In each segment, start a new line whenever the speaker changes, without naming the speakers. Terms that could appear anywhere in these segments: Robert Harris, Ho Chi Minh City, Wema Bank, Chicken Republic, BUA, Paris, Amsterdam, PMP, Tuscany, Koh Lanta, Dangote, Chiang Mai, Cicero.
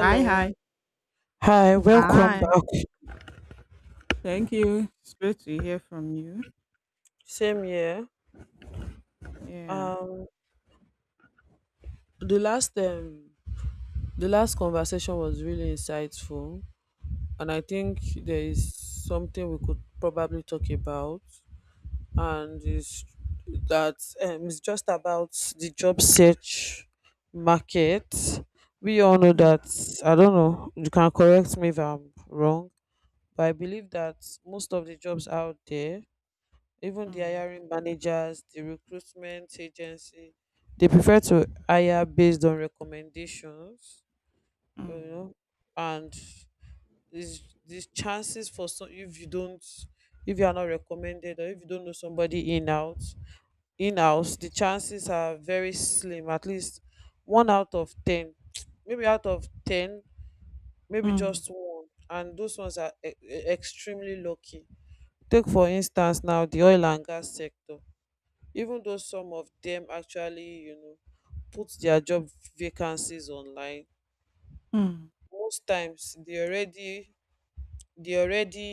Hi, hi,
hi, welcome
hi.
back.
Thank you. It's great to hear from you.
Same here.
Yeah.
Um, the last um, the last conversation was really insightful, and I think there is something we could probably talk about, and it's that it's just about the job search market. We all know
Mm,
that. I don't know. You can correct me if I'm wrong, but I believe that most of the jobs out there, even the
mm,
hiring managers, the recruitment agency, they prefer to hire based on recommendations, you
mm,
know and these chances for some, if you don't, if you are not recommended or if you don't know somebody in out, in house, the chances are very slim. At least one out of ten, maybe out of ten maybe
mm,
just one, and those ones are extremely lucky. Take for instance now the oil and gas sector. Even though some of dem actually put dia job vacancies online,
mm,
most times dey already, dey already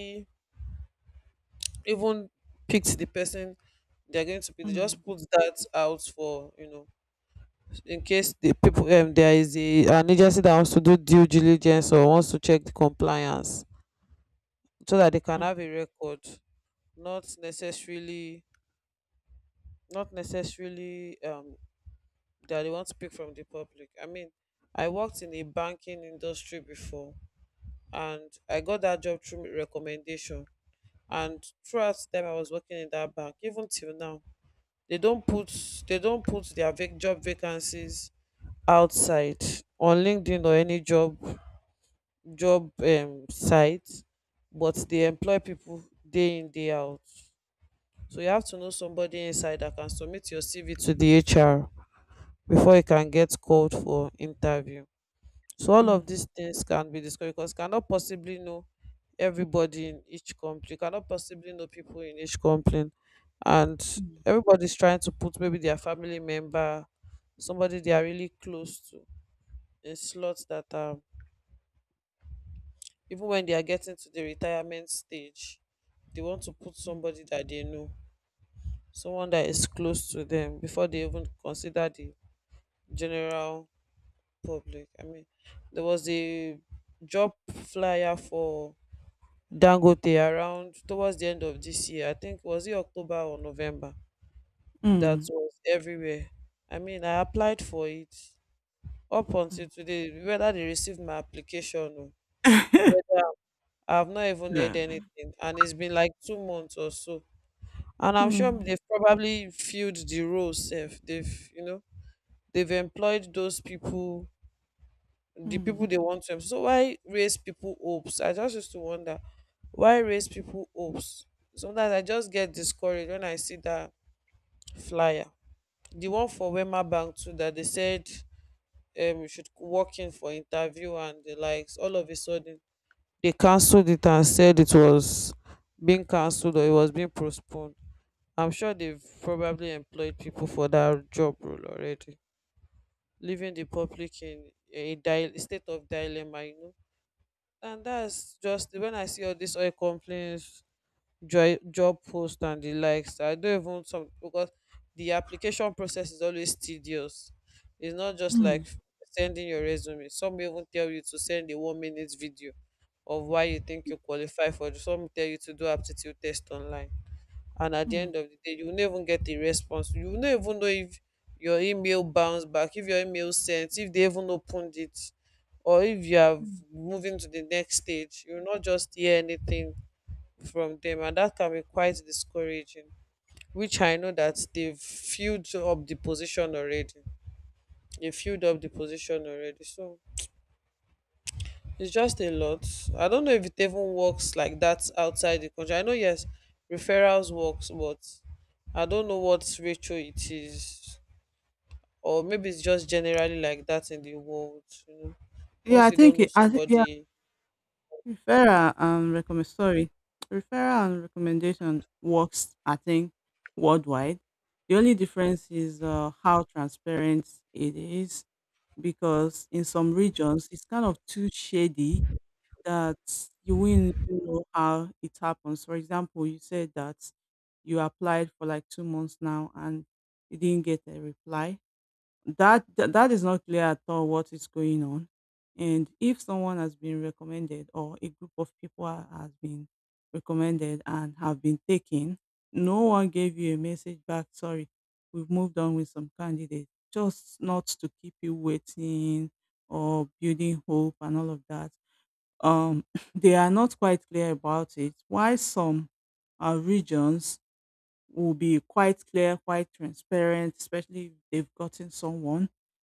even picked the person they're going to pick. They just
mm,
put that out for, in case the people, there is a an agency that wants to do due diligence or wants to check the compliance so that they can
mm,
have a record, not necessarily, not necessarily um that they want to pick from the public. I mean, I worked in the banking industry before and I got that job through recommendation. And throughout them I was working in that bank, even till now, they don't put, they don't put their job vacancies outside on LinkedIn or any job site, but they employ people day in day out. So you have to know somebody inside that can submit your CV to the HR before you can get called for interview. So all of
mm,
these things can be discussed because you cannot possibly know everybody in each company. You cannot possibly know people in each company. And
mm,
everybody's trying to put maybe their family member, somebody they are really close to, in slots that, even when they are getting to the retirement stage, they want to put somebody that they know, someone that is close to them before they even consider the general public. I mean, there was a job flyer for Dangote around towards the end of this year. I think was it October or November that
mm,
was everywhere. I mean, I applied for it up until
mm.
today. Whether they received my application or whether, I've not even
Yeah.
heard anything, and it's been like 2 months or so. And I'm sure
Mm,
they've probably filled the role safe. They've they've employed those people, the people
mm,
they want to. So why raise people hopes? I just used to wonder why raise people hopes. Sometimes I just get discouraged when I see that flyer, the one for Wema Bank too that they said you should walk in for interview and the likes. All of a sudden they cancelled it and said it was being cancelled or it was being postponed. I'm sure they've probably employed people for that job role already, leaving the public in a state of dilemma. And that's just when I see all these oil complaints, joy, job posts, and the likes. I don't even some because the application process is always tedious. It's not just
mm,
like sending your resume. Some even tell you to send a 1 minute video of why you think you qualify for. Some tell you to do aptitude test online, and at the
mm,
end of the day you will not even get a response, you will not even know if your email bounced back, if your email sent, if they even opened it, or if you are
mm.
moving to the next stage. You will not just hear anything from them, and that can be quite discouraging, which I know that they've filled up the position already. They filled up the position already. So it's just a lot. I don't know if it even works like that outside the country. I know, yes, referrals works, but I don't know what ratio it is, or maybe it's just generally like that in the world. You know,
Yeah,
once
I
you don't
think
know
it, I think yeah,
somebody,
referral and recommend sorry, referral and recommendation works. I think worldwide. The only difference is how transparent it is, because in some regions it's kind of too shady that you wouldn't even know how it happens. For example, you said that you applied for like 2 months now and you didn't get a reply, that is not clear at all what is going on. And if someone has been recommended or a group of people has been recommended and have been taken, no one gave you a message back, sorry, we've moved on with some candidates, just not to keep you waiting or building hope and all of that. um they are not quite clear about it. Why some regions will be quite clear, quite transparent, especially if they've gotten someone.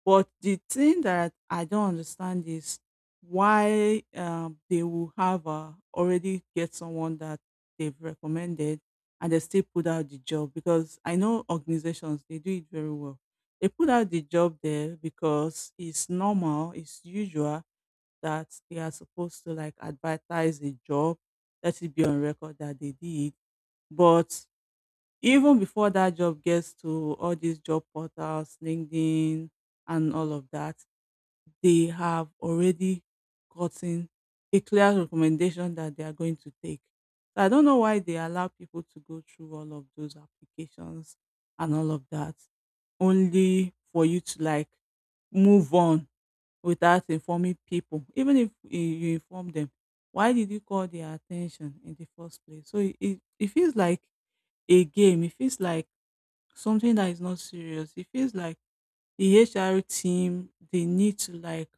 But the thing that I don't understand is why they will have already get someone that they've recommended, and they still put out the job, because I know organizations, they do it very well. They put out the job there because it's normal, it's usual that they are supposed to like advertise the job, let it be on record that they did. But even before that job gets to all these job portals, LinkedIn, and all of that, they have already gotten a clear recommendation that they are going to take. So I don't know why they allow people to go through all of those applications and all of that, only for you to like move on without informing people. Even if eh, you inform them, why did you call their attention in the first place? So it feels like a game. It feels like something that is not serious. It feels like the HR team, they need to like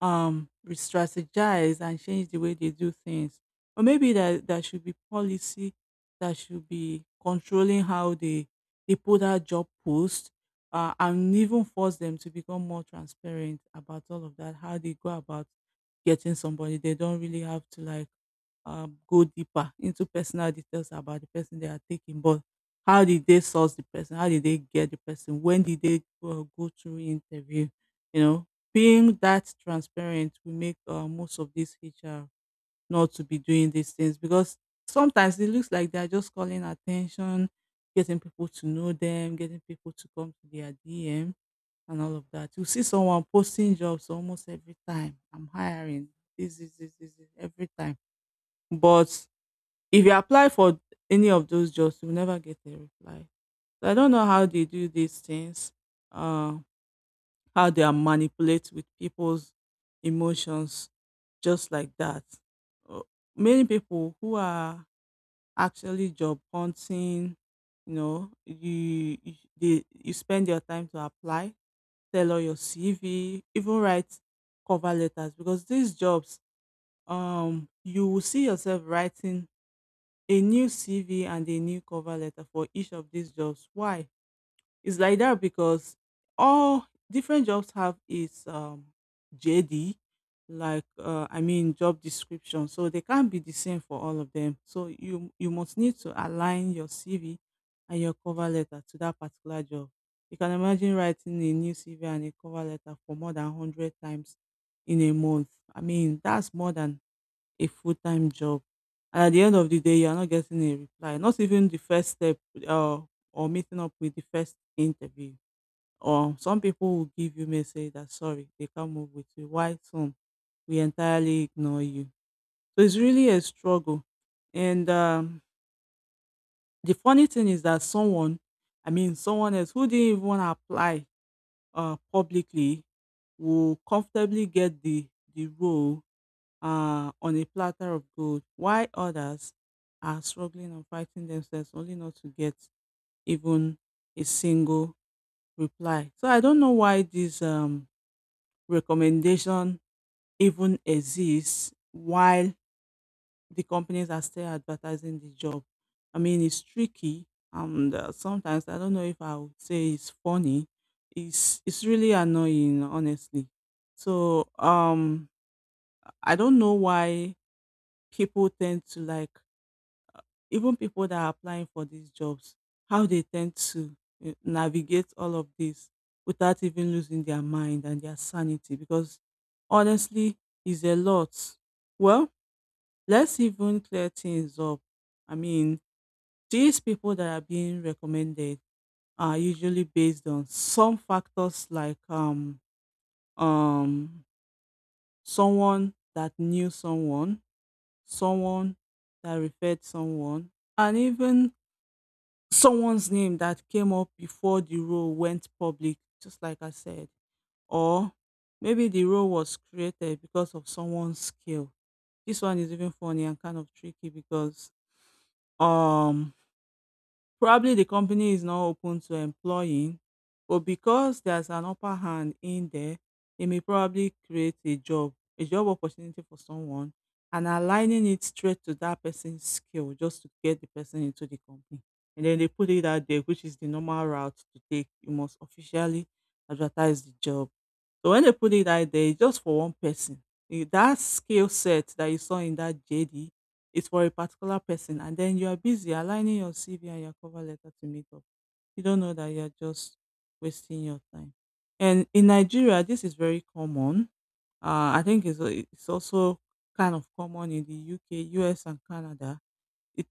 re-strategize and change the way they do things, or maybe that there should be policy that should be controlling how they put out job posts, and even force them to become more transparent about all of that, how they go about getting somebody. They don't really have to like go deeper into personal details about the person they are taking, but how did they source the person, how did they get the person, when did they go through interview, you know, being that transparent will make most of these HR not to be doing these things, because sometimes it looks like they're just calling attention, getting people to know them, getting people to come to their DM and all of that. You see someone posting jobs almost every time. I'm hiring this, this, this, this, this every time. But if you apply for any of those jobs, you'll never get a reply. So I don't know how they do these things. Uh, how they are manipulate with people's emotions just like that. Uh, Many people who are actually job hunting, you know, you spend your time to apply, tailor your CV, even write cover letters, because these jobs, you will see yourself writing a new CV and a new cover letter for each of these jobs. Why? It's like that because all different jobs have its JD, like I mean job description. So they can't be the same for all of them. So you must need to align your CV and your cover letter to that particular job. You can imagine writing a new CV and a cover letter for more than 100 times in a month. I mean that's more than a full-time job. And At the end of the day, you are not getting a reply, not even the first step, uh, or meeting up with the first interview. Or some people will give you message that sorry, they can't move with you. Why some we entirely ignore you. So it's really a struggle. And the funny thing is that someone, I mean someone else who didn't even wanna apply publicly will comfortably get the role on a platter of gold, while others are struggling and fighting themselves only not to get even a single reply. So I don't know why this recommendation even exists while the companies are still advertising the job. I mean, it's tricky, and sometimes I don't know if I would say it's funny. It's really annoying, honestly. So I don't know why people tend to like even people that are applying for these jobs, how they tend to navigate all of this without even losing their mind and their sanity. Because honestly, it's a lot. Well, let's even clear things up. I mean, these people that are being recommended are usually based on some factors like um someone that knew someone, someone that referred someone, and even someone's name that came up before the role went public, just like I said. Or maybe the role was created because of someone's skill. This one is even funny and kind of tricky because um probably the company is not open to employing, but because there's an upper hand in there, it may probably create a job opportunity for someone and aligning it straight to that person's skill just to get the person into the company. And then they put it out there, which is the normal route to take. You must officially advertise the job. So when they put it out there, it's just for one person. That skill set that you saw in that JD, it's for a particular person, and then you are busy aligning your CV and your cover letter to meet up. You don't know that you're just wasting your time. And in Nigeria, this is very common. I think it's also kind of common in the UK, US, and Canada.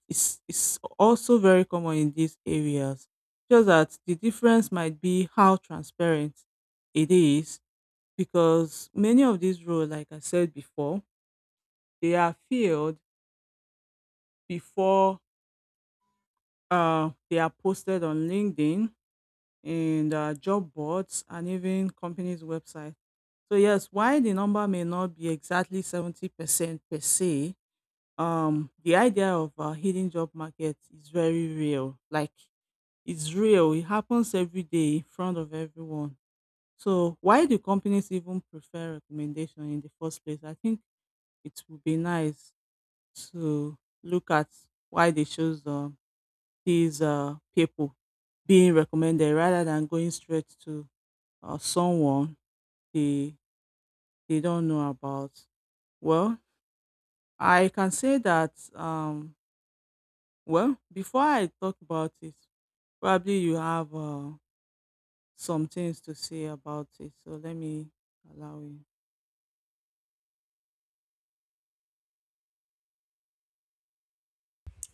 It's also very common in these areas. Just that the difference might be how transparent it is, because many of these roles, like I said before, they are filled before they are posted on LinkedIn, and job boards, and even companies' website. So yes, while the number may not be exactly 70% per se, the idea of hidden job market is very real. Like it's real. It happens every day in front of everyone. So why do companies even prefer recommendation in the first place? I think it would be nice to look at why they chose these people being recommended rather than going straight to someone they they don't know about. Well, I can say that. Well, before I talk about it, probably you have some things to say about it. So let me allow you.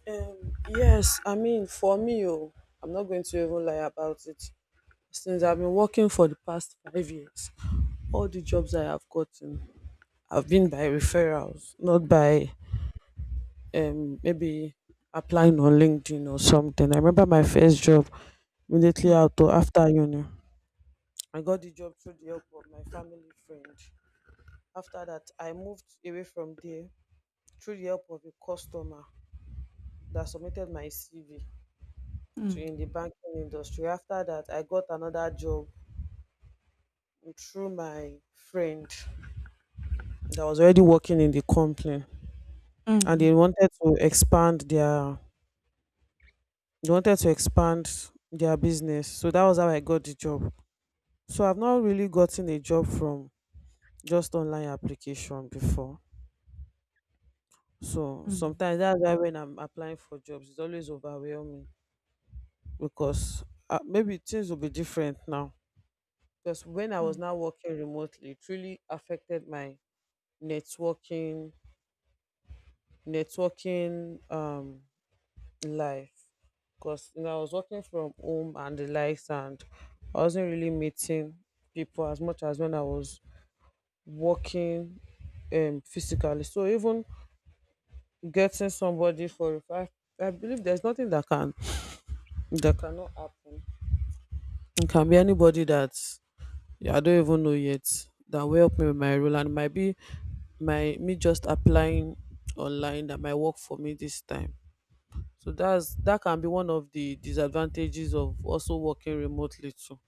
Yes, I mean, for me, oh, I'm not going to even lie about it. Since I've been working for the past 5 years, all the jobs I have gotten have been by referrals, not by, maybe applying on LinkedIn or something. I remember my first job immediately
Mm,
after uni. I got the job through the help of my family friend. After that, I moved away from there through the help of a customer that submitted my CV to
mm,
in the banking industry. After that, I got another job through my friend that was already working in the company, and
mm,
they wanted to expand their, business. So that was how I got the job. So I've not really gotten a job from just online application before. So
mm,
sometimes that's why when I'm applying for jobs, it's always overwhelming because, maybe things will be different now. Because when I was now working remotely, it really affected my networking, networking um life. Because you know, I was working from home and the likes, and I wasn't really meeting people as much as when I was working physically. So even getting somebody for a fact. I believe there's nothing that can, that cannot happen. It can be anybody that, yeah, I don't even know yet, that will help me with my role, and it might be my me just applying online that might work for me this time. So that's, that can be one of the disadvantages of also working remotely too.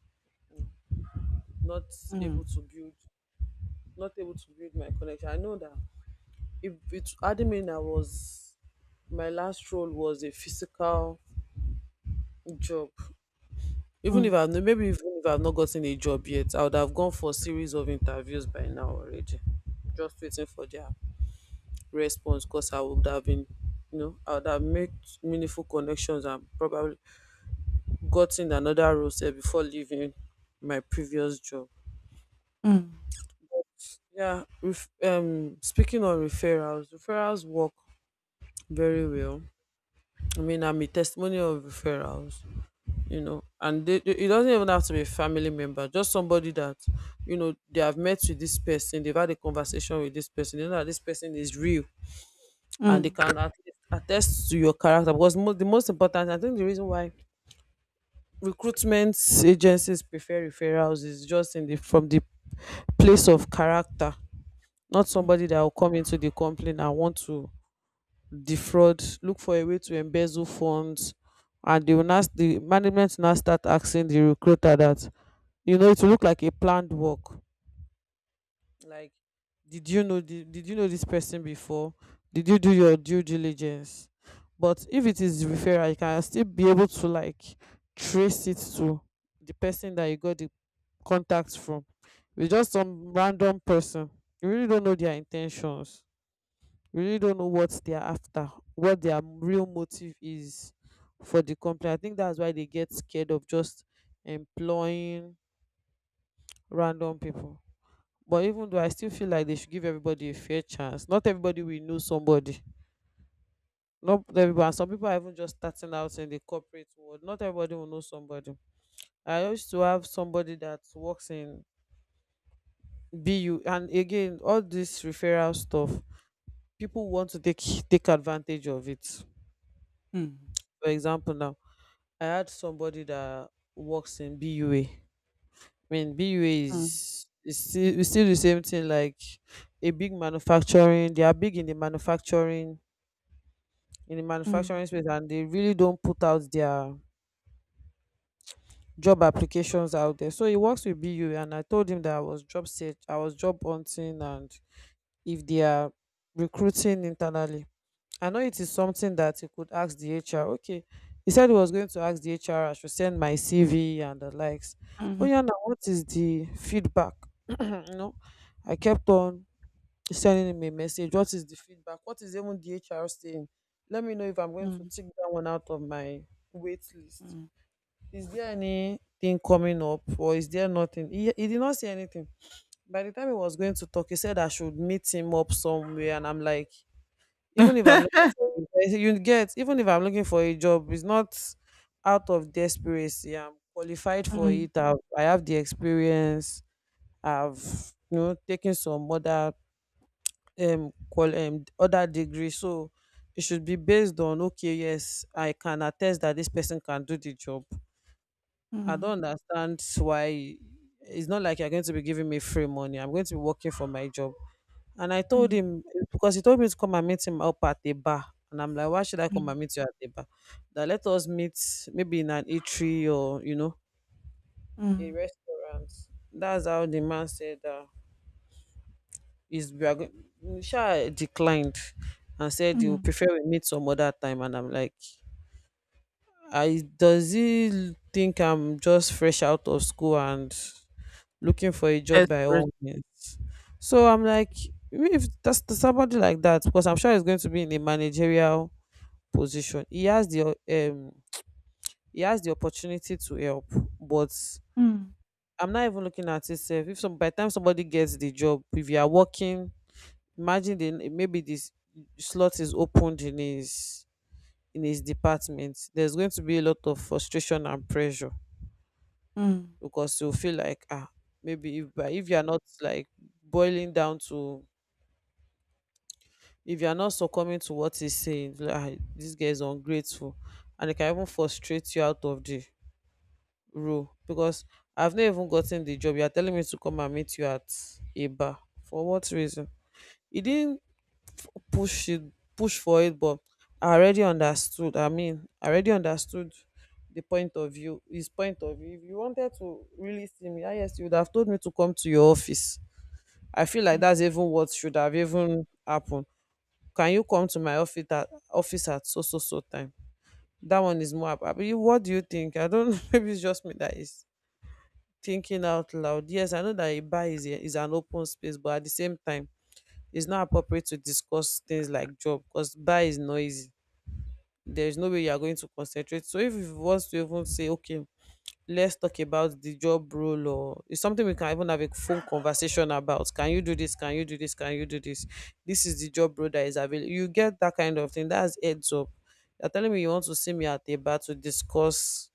Not able
mm,
to build, my connection. I know that if it admin I was, my last role was a physical job, even if
mm,
I've maybe, even if I've not gotten a job yet, I would have gone for a series of interviews by now already. Just waiting for their response, because I would have been, you know, I would have made meaningful connections and probably gotten another role sef before leaving my previous job.
mm,
Yeah, speaking on referrals, referrals work very well. I mean, I'm a testimony of referrals. You know, and it doesn't even have to be a family member, just somebody that you know, they have met with this person, they've had a conversation with this person, they know that this person is real,
mm,
and they
mm,
can attest to your character. Because the most important, I think the reason why recruitment agencies prefer referrals is just in the, from the place of character, not somebody that will come into the company and want to defraud, look for a way to embezzle funds, and they will now, the management will now start asking the recruiter that, you know, it will look like a planned work. Like, did you know this person before, did you do your due diligence? But if it is referral, you can still be able to like trace it to the person that you got the contact from. With just some random person, you really don't know their intentions, you really don't know what they are after, what their real motive is for the company. I think that's why they get scared of just employing random people. But even though, I still feel like they should give everybody a fair chance. Not everybody will know somebody, not everybody, and some people are even just starting out in the corporate world. Not everybody will know somebody. I used to have somebody that works in bu, and again, all this referral stuff, people want to take advantage of it.
mm,
For example, now, I had somebody that works in bua. I mean, bua
mm,
is, is still the same thing, like a big manufacturing, they are big in the manufacturing,
mm,
space, and they really don't put out their job applications out there. So he works with BU, and I told him that I was job search, I was job hunting, and if they are recruiting internally. I know it is something that he could ask the HR. Okay. He said he was going to ask the HR, I should send my CV and the likes. Oh
mm,
yeah, now what is the feedback? You know, I kept on sending him a message. What is the feedback? What is even the HR saying? Let me know if I'm
mm,
going to
mm,
take that one out of my wait list.
mm.
Is there anything coming up or is there nothing? He did not say anything. By the time he was going to talk, he said I should meet him up somewhere. And I'm like, even if I'm looking for a job, you get, even if I'm looking for a job, it's not out of desperation. I'm qualified for
Mm,
it. I have the experience. I've taken some other other degree, so it should be based on, okay, yes, I can attest that this person can do the job. I
mm,
don't understand why. It's not like you're going to be giving me free money. I'm going to be working for my job. And I told
mm,
him, because he told me to come and meet him up at a bar. And I'm like, why should I come
mm,
and meet you at a bar? That, let us meet maybe in an eatery or a
mm.
restaurant. That's how the man said that is, we are going. Sha declined and said you
Mm.
prefer we meet some other time. And I'm like, I does he think I'm just fresh out of school and looking for a job by all
Desperate.
means? So I'm like, if that's to somebody like that, because I'm sure he's going to be in a managerial position. He has the opportunity to help, but
Mm.
I'm not even looking at itself. If some by the time somebody gets the job, if you are working, imagine the, maybe this slot is opened in his department, there's going to be a lot of frustration and pressure,
Mm.
because you'll feel like, ah, maybe if, but if you're not like boiling down to, if you're not succumbing to what he's saying, like, ah, this guy is ungrateful, and it can even frustrate you out of the role, because I've not even gotten the job. You're telling me to come and meet you at a bar, for what reason? He didn't push it push for it, but I mean, I already understood the point of view his point of view. If you wanted to really see me, ah, yes, you would have told me to come to your office. I feel like that's
Mm.
even what should have even happened. Can you come to my office at so so so time? That one is more abi, what do you think? I don't know. Maybe it's just me that is thinking out loud. Yes, I know that a bar is an open space, but at the same time, it's not appropriate to discuss things like job, because bar is noisy. There's no way you are going to concentrate. So if you want to even say, okay, let's talk about the job role, or it's something we can even have a phone conversation about. Can you do this? Can you do this? Can you do this? This is the job role that is available. You get that kind of thing. That's heads up. You're telling me you want to see me at a bar to discuss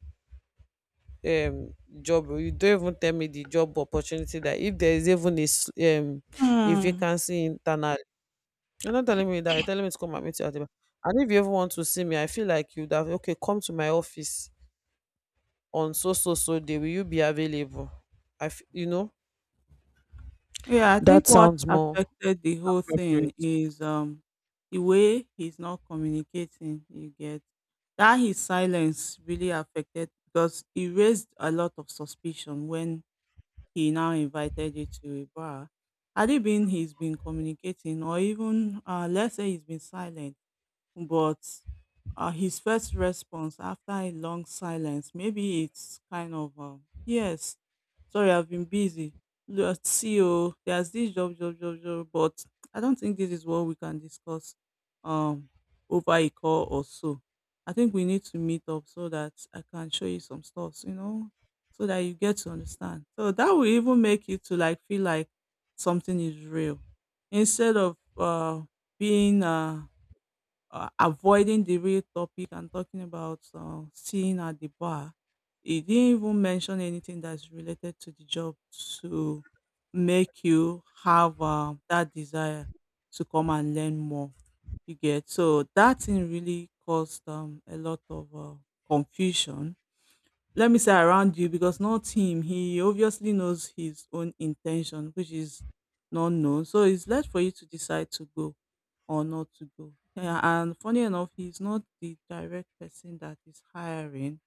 um job role. You don't even tell me the job opportunity that if there is even a
Mm.
vacancy internal. You're not telling me that. You're telling me to come and meet you at the bar. And if you ever want to see me, I feel like you'd have, okay, come to my office on so, so, so day. Will you be available? I, f- you know,
Yeah, I
that
think what
sounds more
affected the whole thing
appropriate.
is the way he's not communicating, you get. That his silence really affected because he raised a lot of suspicion when he now invited you to a bar. Had it been he's been communicating, or even let's say he's been silent. But his first response after a long silence, maybe it's kind of, yes, sorry, I've been busy. Let's see, oh, there's this job, job, job, job, but I don't think this is what we can discuss um, over a call or so. I think we need to meet up so that I can show you some stuff, you know, so that you get to understand. So that will even make you to like feel like something is real, instead of being avoiding the real topic and talking about seeing at the bar. He didn't even mention anything that's related to the job to make you have that desire to come and learn more. You get, so that thing really caused a lot of confusion, let me say, around you, because not him, he obviously knows his own intention which is not known, so it's left for you to decide to go or not to go, yeah. And funny enough, he's not the direct person that is hiring.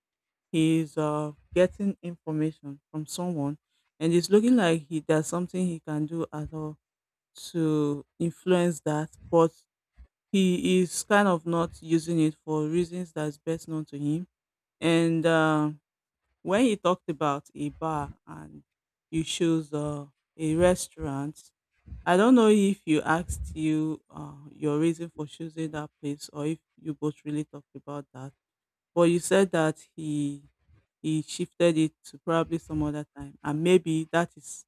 He's getting information from someone, and it's looking like he there's something he can do at all to influence that, but he is kind of not using it for reasons that's best known to him. And when you talked about a bar and you chose a restaurant, I don't know if you asked you your reason for choosing that place, or if you both really talked about that. But you said that he shifted it to probably some other time, and maybe that is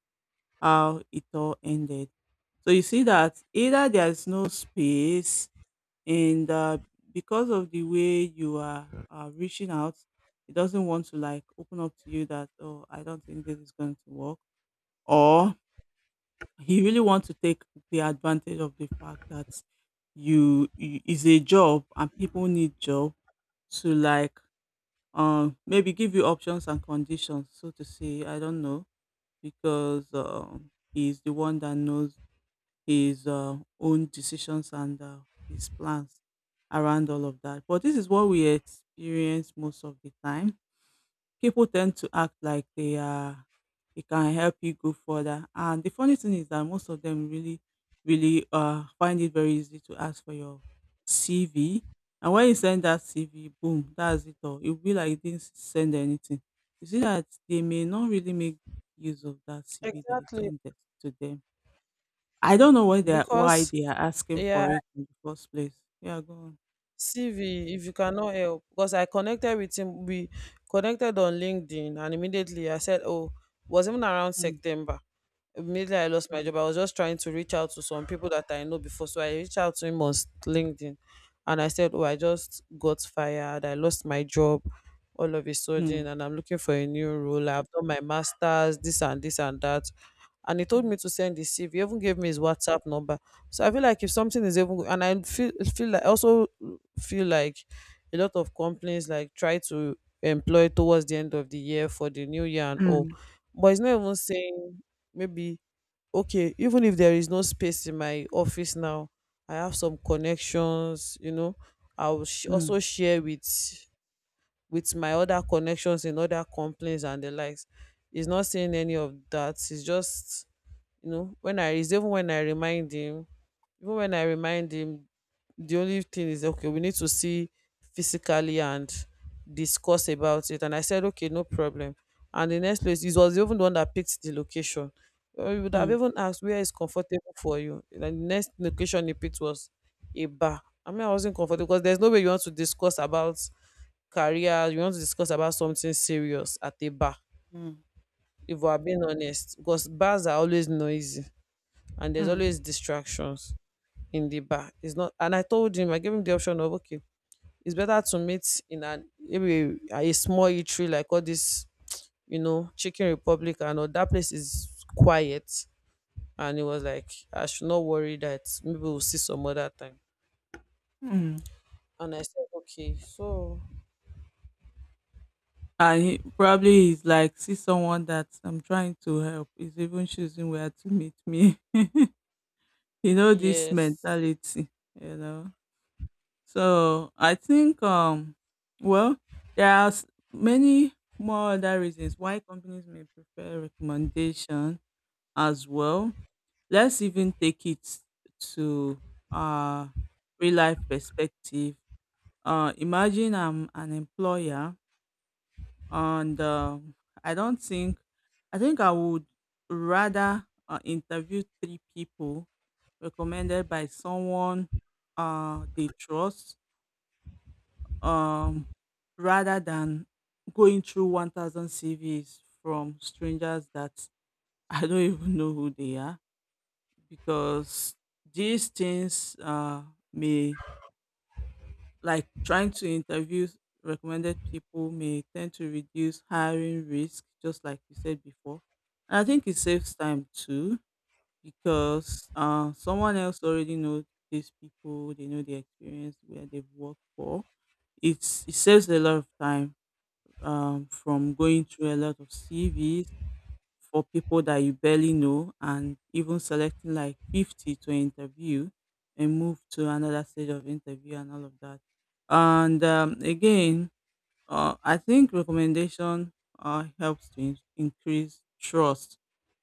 how it all ended. So you see that either there is no space and because of the way you are reaching out, it doesn't want to like open up to you that oh, I don't think this is going to work. Or he really wants to take the advantage of the fact that you is a job and people need job to like, maybe give you options and conditions, so to say. I don't know, because he's the one that knows his own decisions and his plans around all of that. But this is what we experience most of the time. People tend to act like they are, it can help you go further. And the funny thing is that most of them really, really find it very easy to ask for your CV. And when you send that CV, boom, that's it all. It'll be like you didn't send anything. You see that they may not really make use of that CV that you
Exactly.
sent it to them. I don't know why they are why
Because,
they are asking
yeah,
for it in the first place. Yeah, go on.
CV, if you cannot help. Because I connected with him, we connected on LinkedIn, and immediately I said, oh, it was even around
Mm,
September. Immediately I lost my
mm,
job, I was just trying to reach out to some people that I know before. So I reached out to him on LinkedIn and I said, oh, I just got fired. I lost my job all of a sudden
mm,
and I'm looking for a new role. I've done my master's, this and this and that. And he told
mm,
me to send the CV. He even gave me his WhatsApp number. So I feel like if something is even, and I feel like a lot of companies like try to employ towards the end of the year for the new year and all,
mm,
but it's not even saying, maybe, okay, even if there is no space in my office now, I have some connections, I will
mm,
also share with my other connections in other companies and the likes. He's not saying any of that. He's just, when I is even when I remind him, even when I remind him, the only thing is, okay, we need to see physically and discuss about it. And I said, okay, no problem. And the next place, he was even the one that picked the location. He would have
mm,
even asked where is comfortable for you. And the next location he picked was a bar. I mean, I wasn't comfortable because there's no way you want to discuss about career, you want to discuss about something serious at a bar,
mm,
if we're being honest, because bars are always noisy and there's
mm,
always distractions in the bar. It's not, and I told him, I gave him the option of, okay, it's better to meet in an maybe a small eatery like all this, you know, Chicken Republic, and all that place is quiet. And he was like, I should not worry that maybe we'll see some other time.
mm.
And I said, okay, so
And he probably is like, see, someone that I'm trying to help is even choosing where to meet me. You know, this
yes,
mentality, you know. So I think, well, there are s- many more other reasons why companies may prefer recommendation as well. Let's even take it to uh real life perspective. Imagine I'm an employer, and I don't think I would rather interview three people recommended by someone they trust, um rather than going through 1000 CVs from strangers that I don't even know who they are, because these things may, like, trying to interview recommended people, may tend to reduce hiring risk, just like you said before. And I think it saves time too, because someone else already knows these people, they know their experience, where they've worked for. It's, it saves a lot of time, from going through a lot of CVs for people that you barely know and even selecting like 50 to interview and move to another stage of interview and all of that. And again, I think recommendation helps to increase trust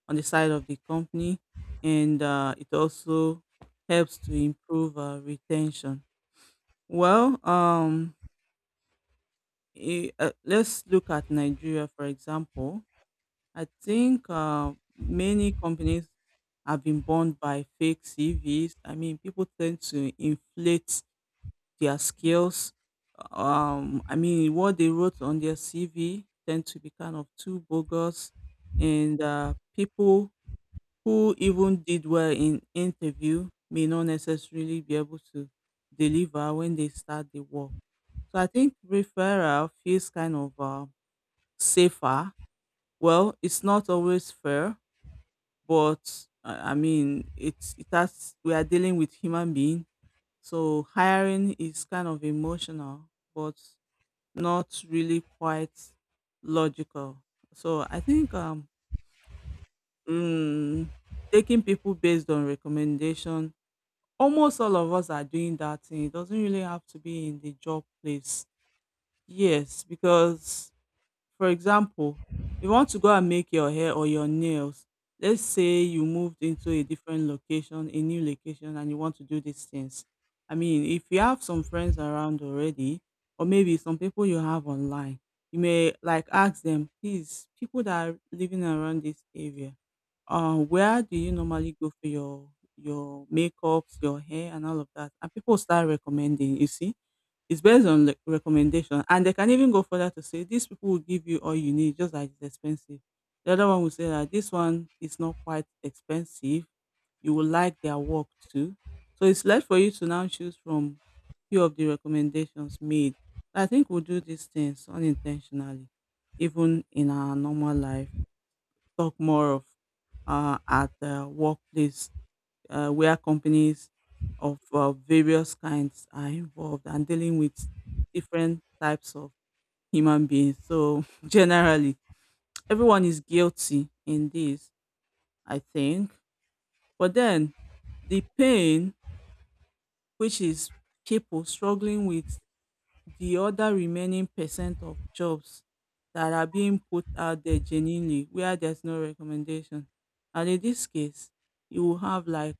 on the side of the company, and it also helps to improve retention. well um, let's look at Nigeria for example. I think many companies have been burned by fake CVs. I mean, people tend to inflate their skills. I mean, what they wrote on their CV tend to be kind of too bogus, and people who even did well in interview may not necessarily be able to deliver when they start the work. So I think referral feels kind of safer. Well, it's not always fair, but I mean, it's it has we are dealing with human being, so hiring is kind of emotional, but not really quite logical. So I think mm, taking people based on recommendation, almost all of us are doing that thing. It doesn't really have to be in the job place. Yes, because, for example, you want to go and make your hair or your nails. Let's say you moved into a different location, a new location, and you want to do these things. I mean, if you have some friends around already, or maybe some people you have online, you may like ask them, please, people that are living around this area, where do you normally go for your makeups, your hair, and all of that? And people start recommending. You see, it's based on the recommendation, and they can even go further to say these people will give you all you need, just that it's expensive. The other one will say that this one is not quite expensive. You will like their work too. So it's left for you to now choose from few of the recommendations made. I think we do these things unintentionally, even in our normal life. Talk more of at the workplace, where companies of various kinds are involved and dealing with different types of human beings. So generally, everyone is guilty in this, I think. But then the pain, which is people struggling with the other remaining percent of jobs that are being put out there genuinely where there's no recommendation. And in this case, you will have like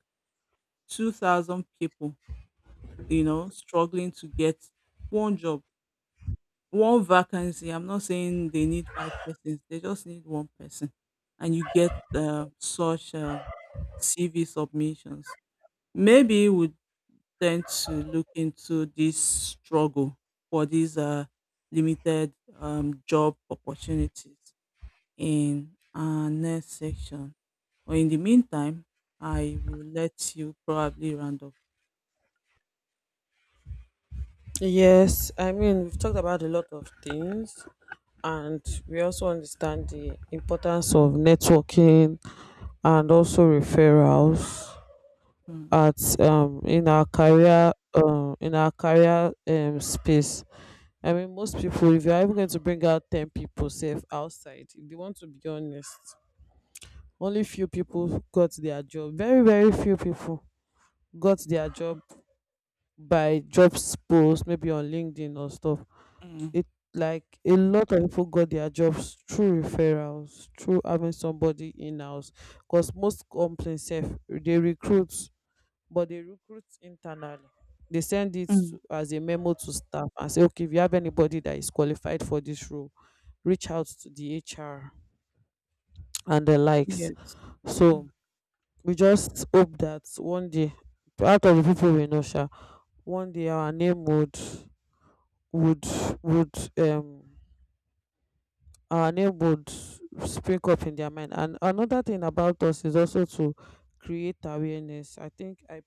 2,000 people, you know, struggling to get one job, one vacancy. I'm not saying they need five persons, they just need one person. And you get such CV submissions. Maybe we tend to look into this struggle for these limited job opportunities in our next section. But in the meantime, I will let you probably round up.
yes. I mean, we've talked about a lot of things and we also understand the importance of networking and also referrals
Mm,
at in our career space. I mean, most people, if you're even going to bring out 10 people safe outside, if they want to be honest, only few people got their job, very, very few people got their job by jobs posts, maybe on LinkedIn or stuff.
mm,
It like a lot of people got their jobs through referrals, through having somebody in house, because most companies sef they recruit, but they recruit internally. They send it
mm.
to, as a memo to staff and say, okay, if you have anybody that is qualified for this role, reach out to the HR and the likes.
Yes.
So we just hope that one day, out of the people we know, sha, one day our name would would um would spring up in their mind. And another thing about us is also to create awareness. I think I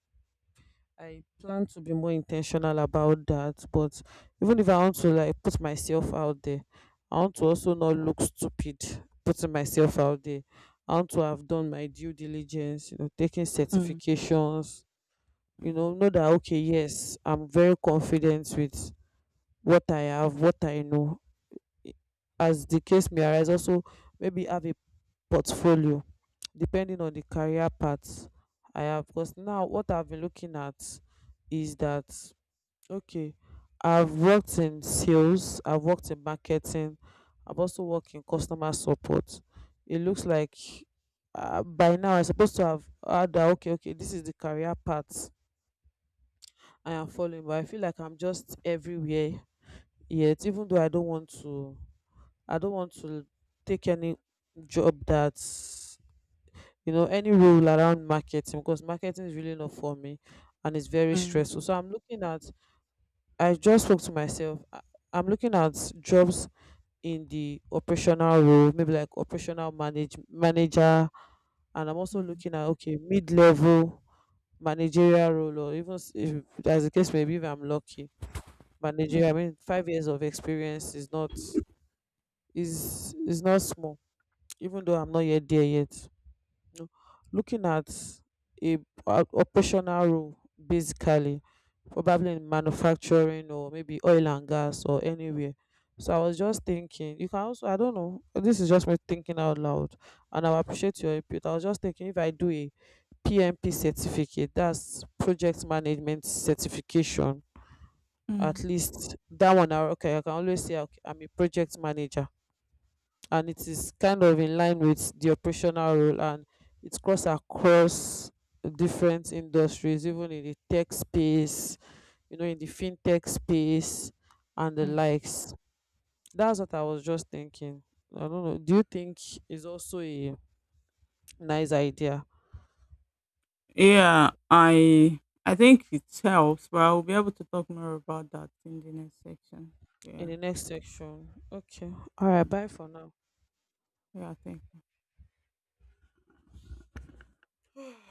I plan to be more intentional about that, but even if I want to like put myself out there, I want to also not look stupid putting myself out there. I want to have done my due diligence, taking
Mm,
certifications,
mm,
know that, okay, yes, I'm very confident with what I have, what I know. I- As the case may arise, also maybe have a portfolio depending on the career path I have. Because now what I've been looking at is that, okay, I've worked in sales, I've worked in marketing, I've also worked in customer support. It looks like, by now I'm supposed to have had that, okay, okay, this is the career path I am following, but I feel like I'm just everywhere yet, even though I don't want to take any job that's, any role around marketing, because marketing is really not for me and it's very
mm,
stressful. So I'm looking at, I just spoke to myself, I'm looking at jobs in the operational role, maybe like operational manager, and I'm also
mm,
looking at, okay, mid level managerial role, or even if, as the case may be, if I'm lucky, managerial.
mm,
I mean, 5 years of experience is not small, even though I'm not yet there yet. You know. Looking at a, a operational role, basically probably in manufacturing or maybe oil and gas or anywhere. So I was just thinking, you can also, I don't know, this is just me thinking out loud and I appreciate your input. I was just thinking, if I do a PMP certificate, that's project management certification, at
mm,
least that one, I, okay, I can always say, okay, I'm a project manager, and it is kind of in line with the operational role, and it's cross across different industries, even in the tech space, in the fintech space and the
mm.
likes. That's what I was just thinking. I don't know. Do you think is also a nice idea?
Yeah, I think it helps, but I'll be able to talk more about that in the next section.
In
Yeah.
the next section? Okay. All right.
Mm.
Bye for now.
Yeah, thank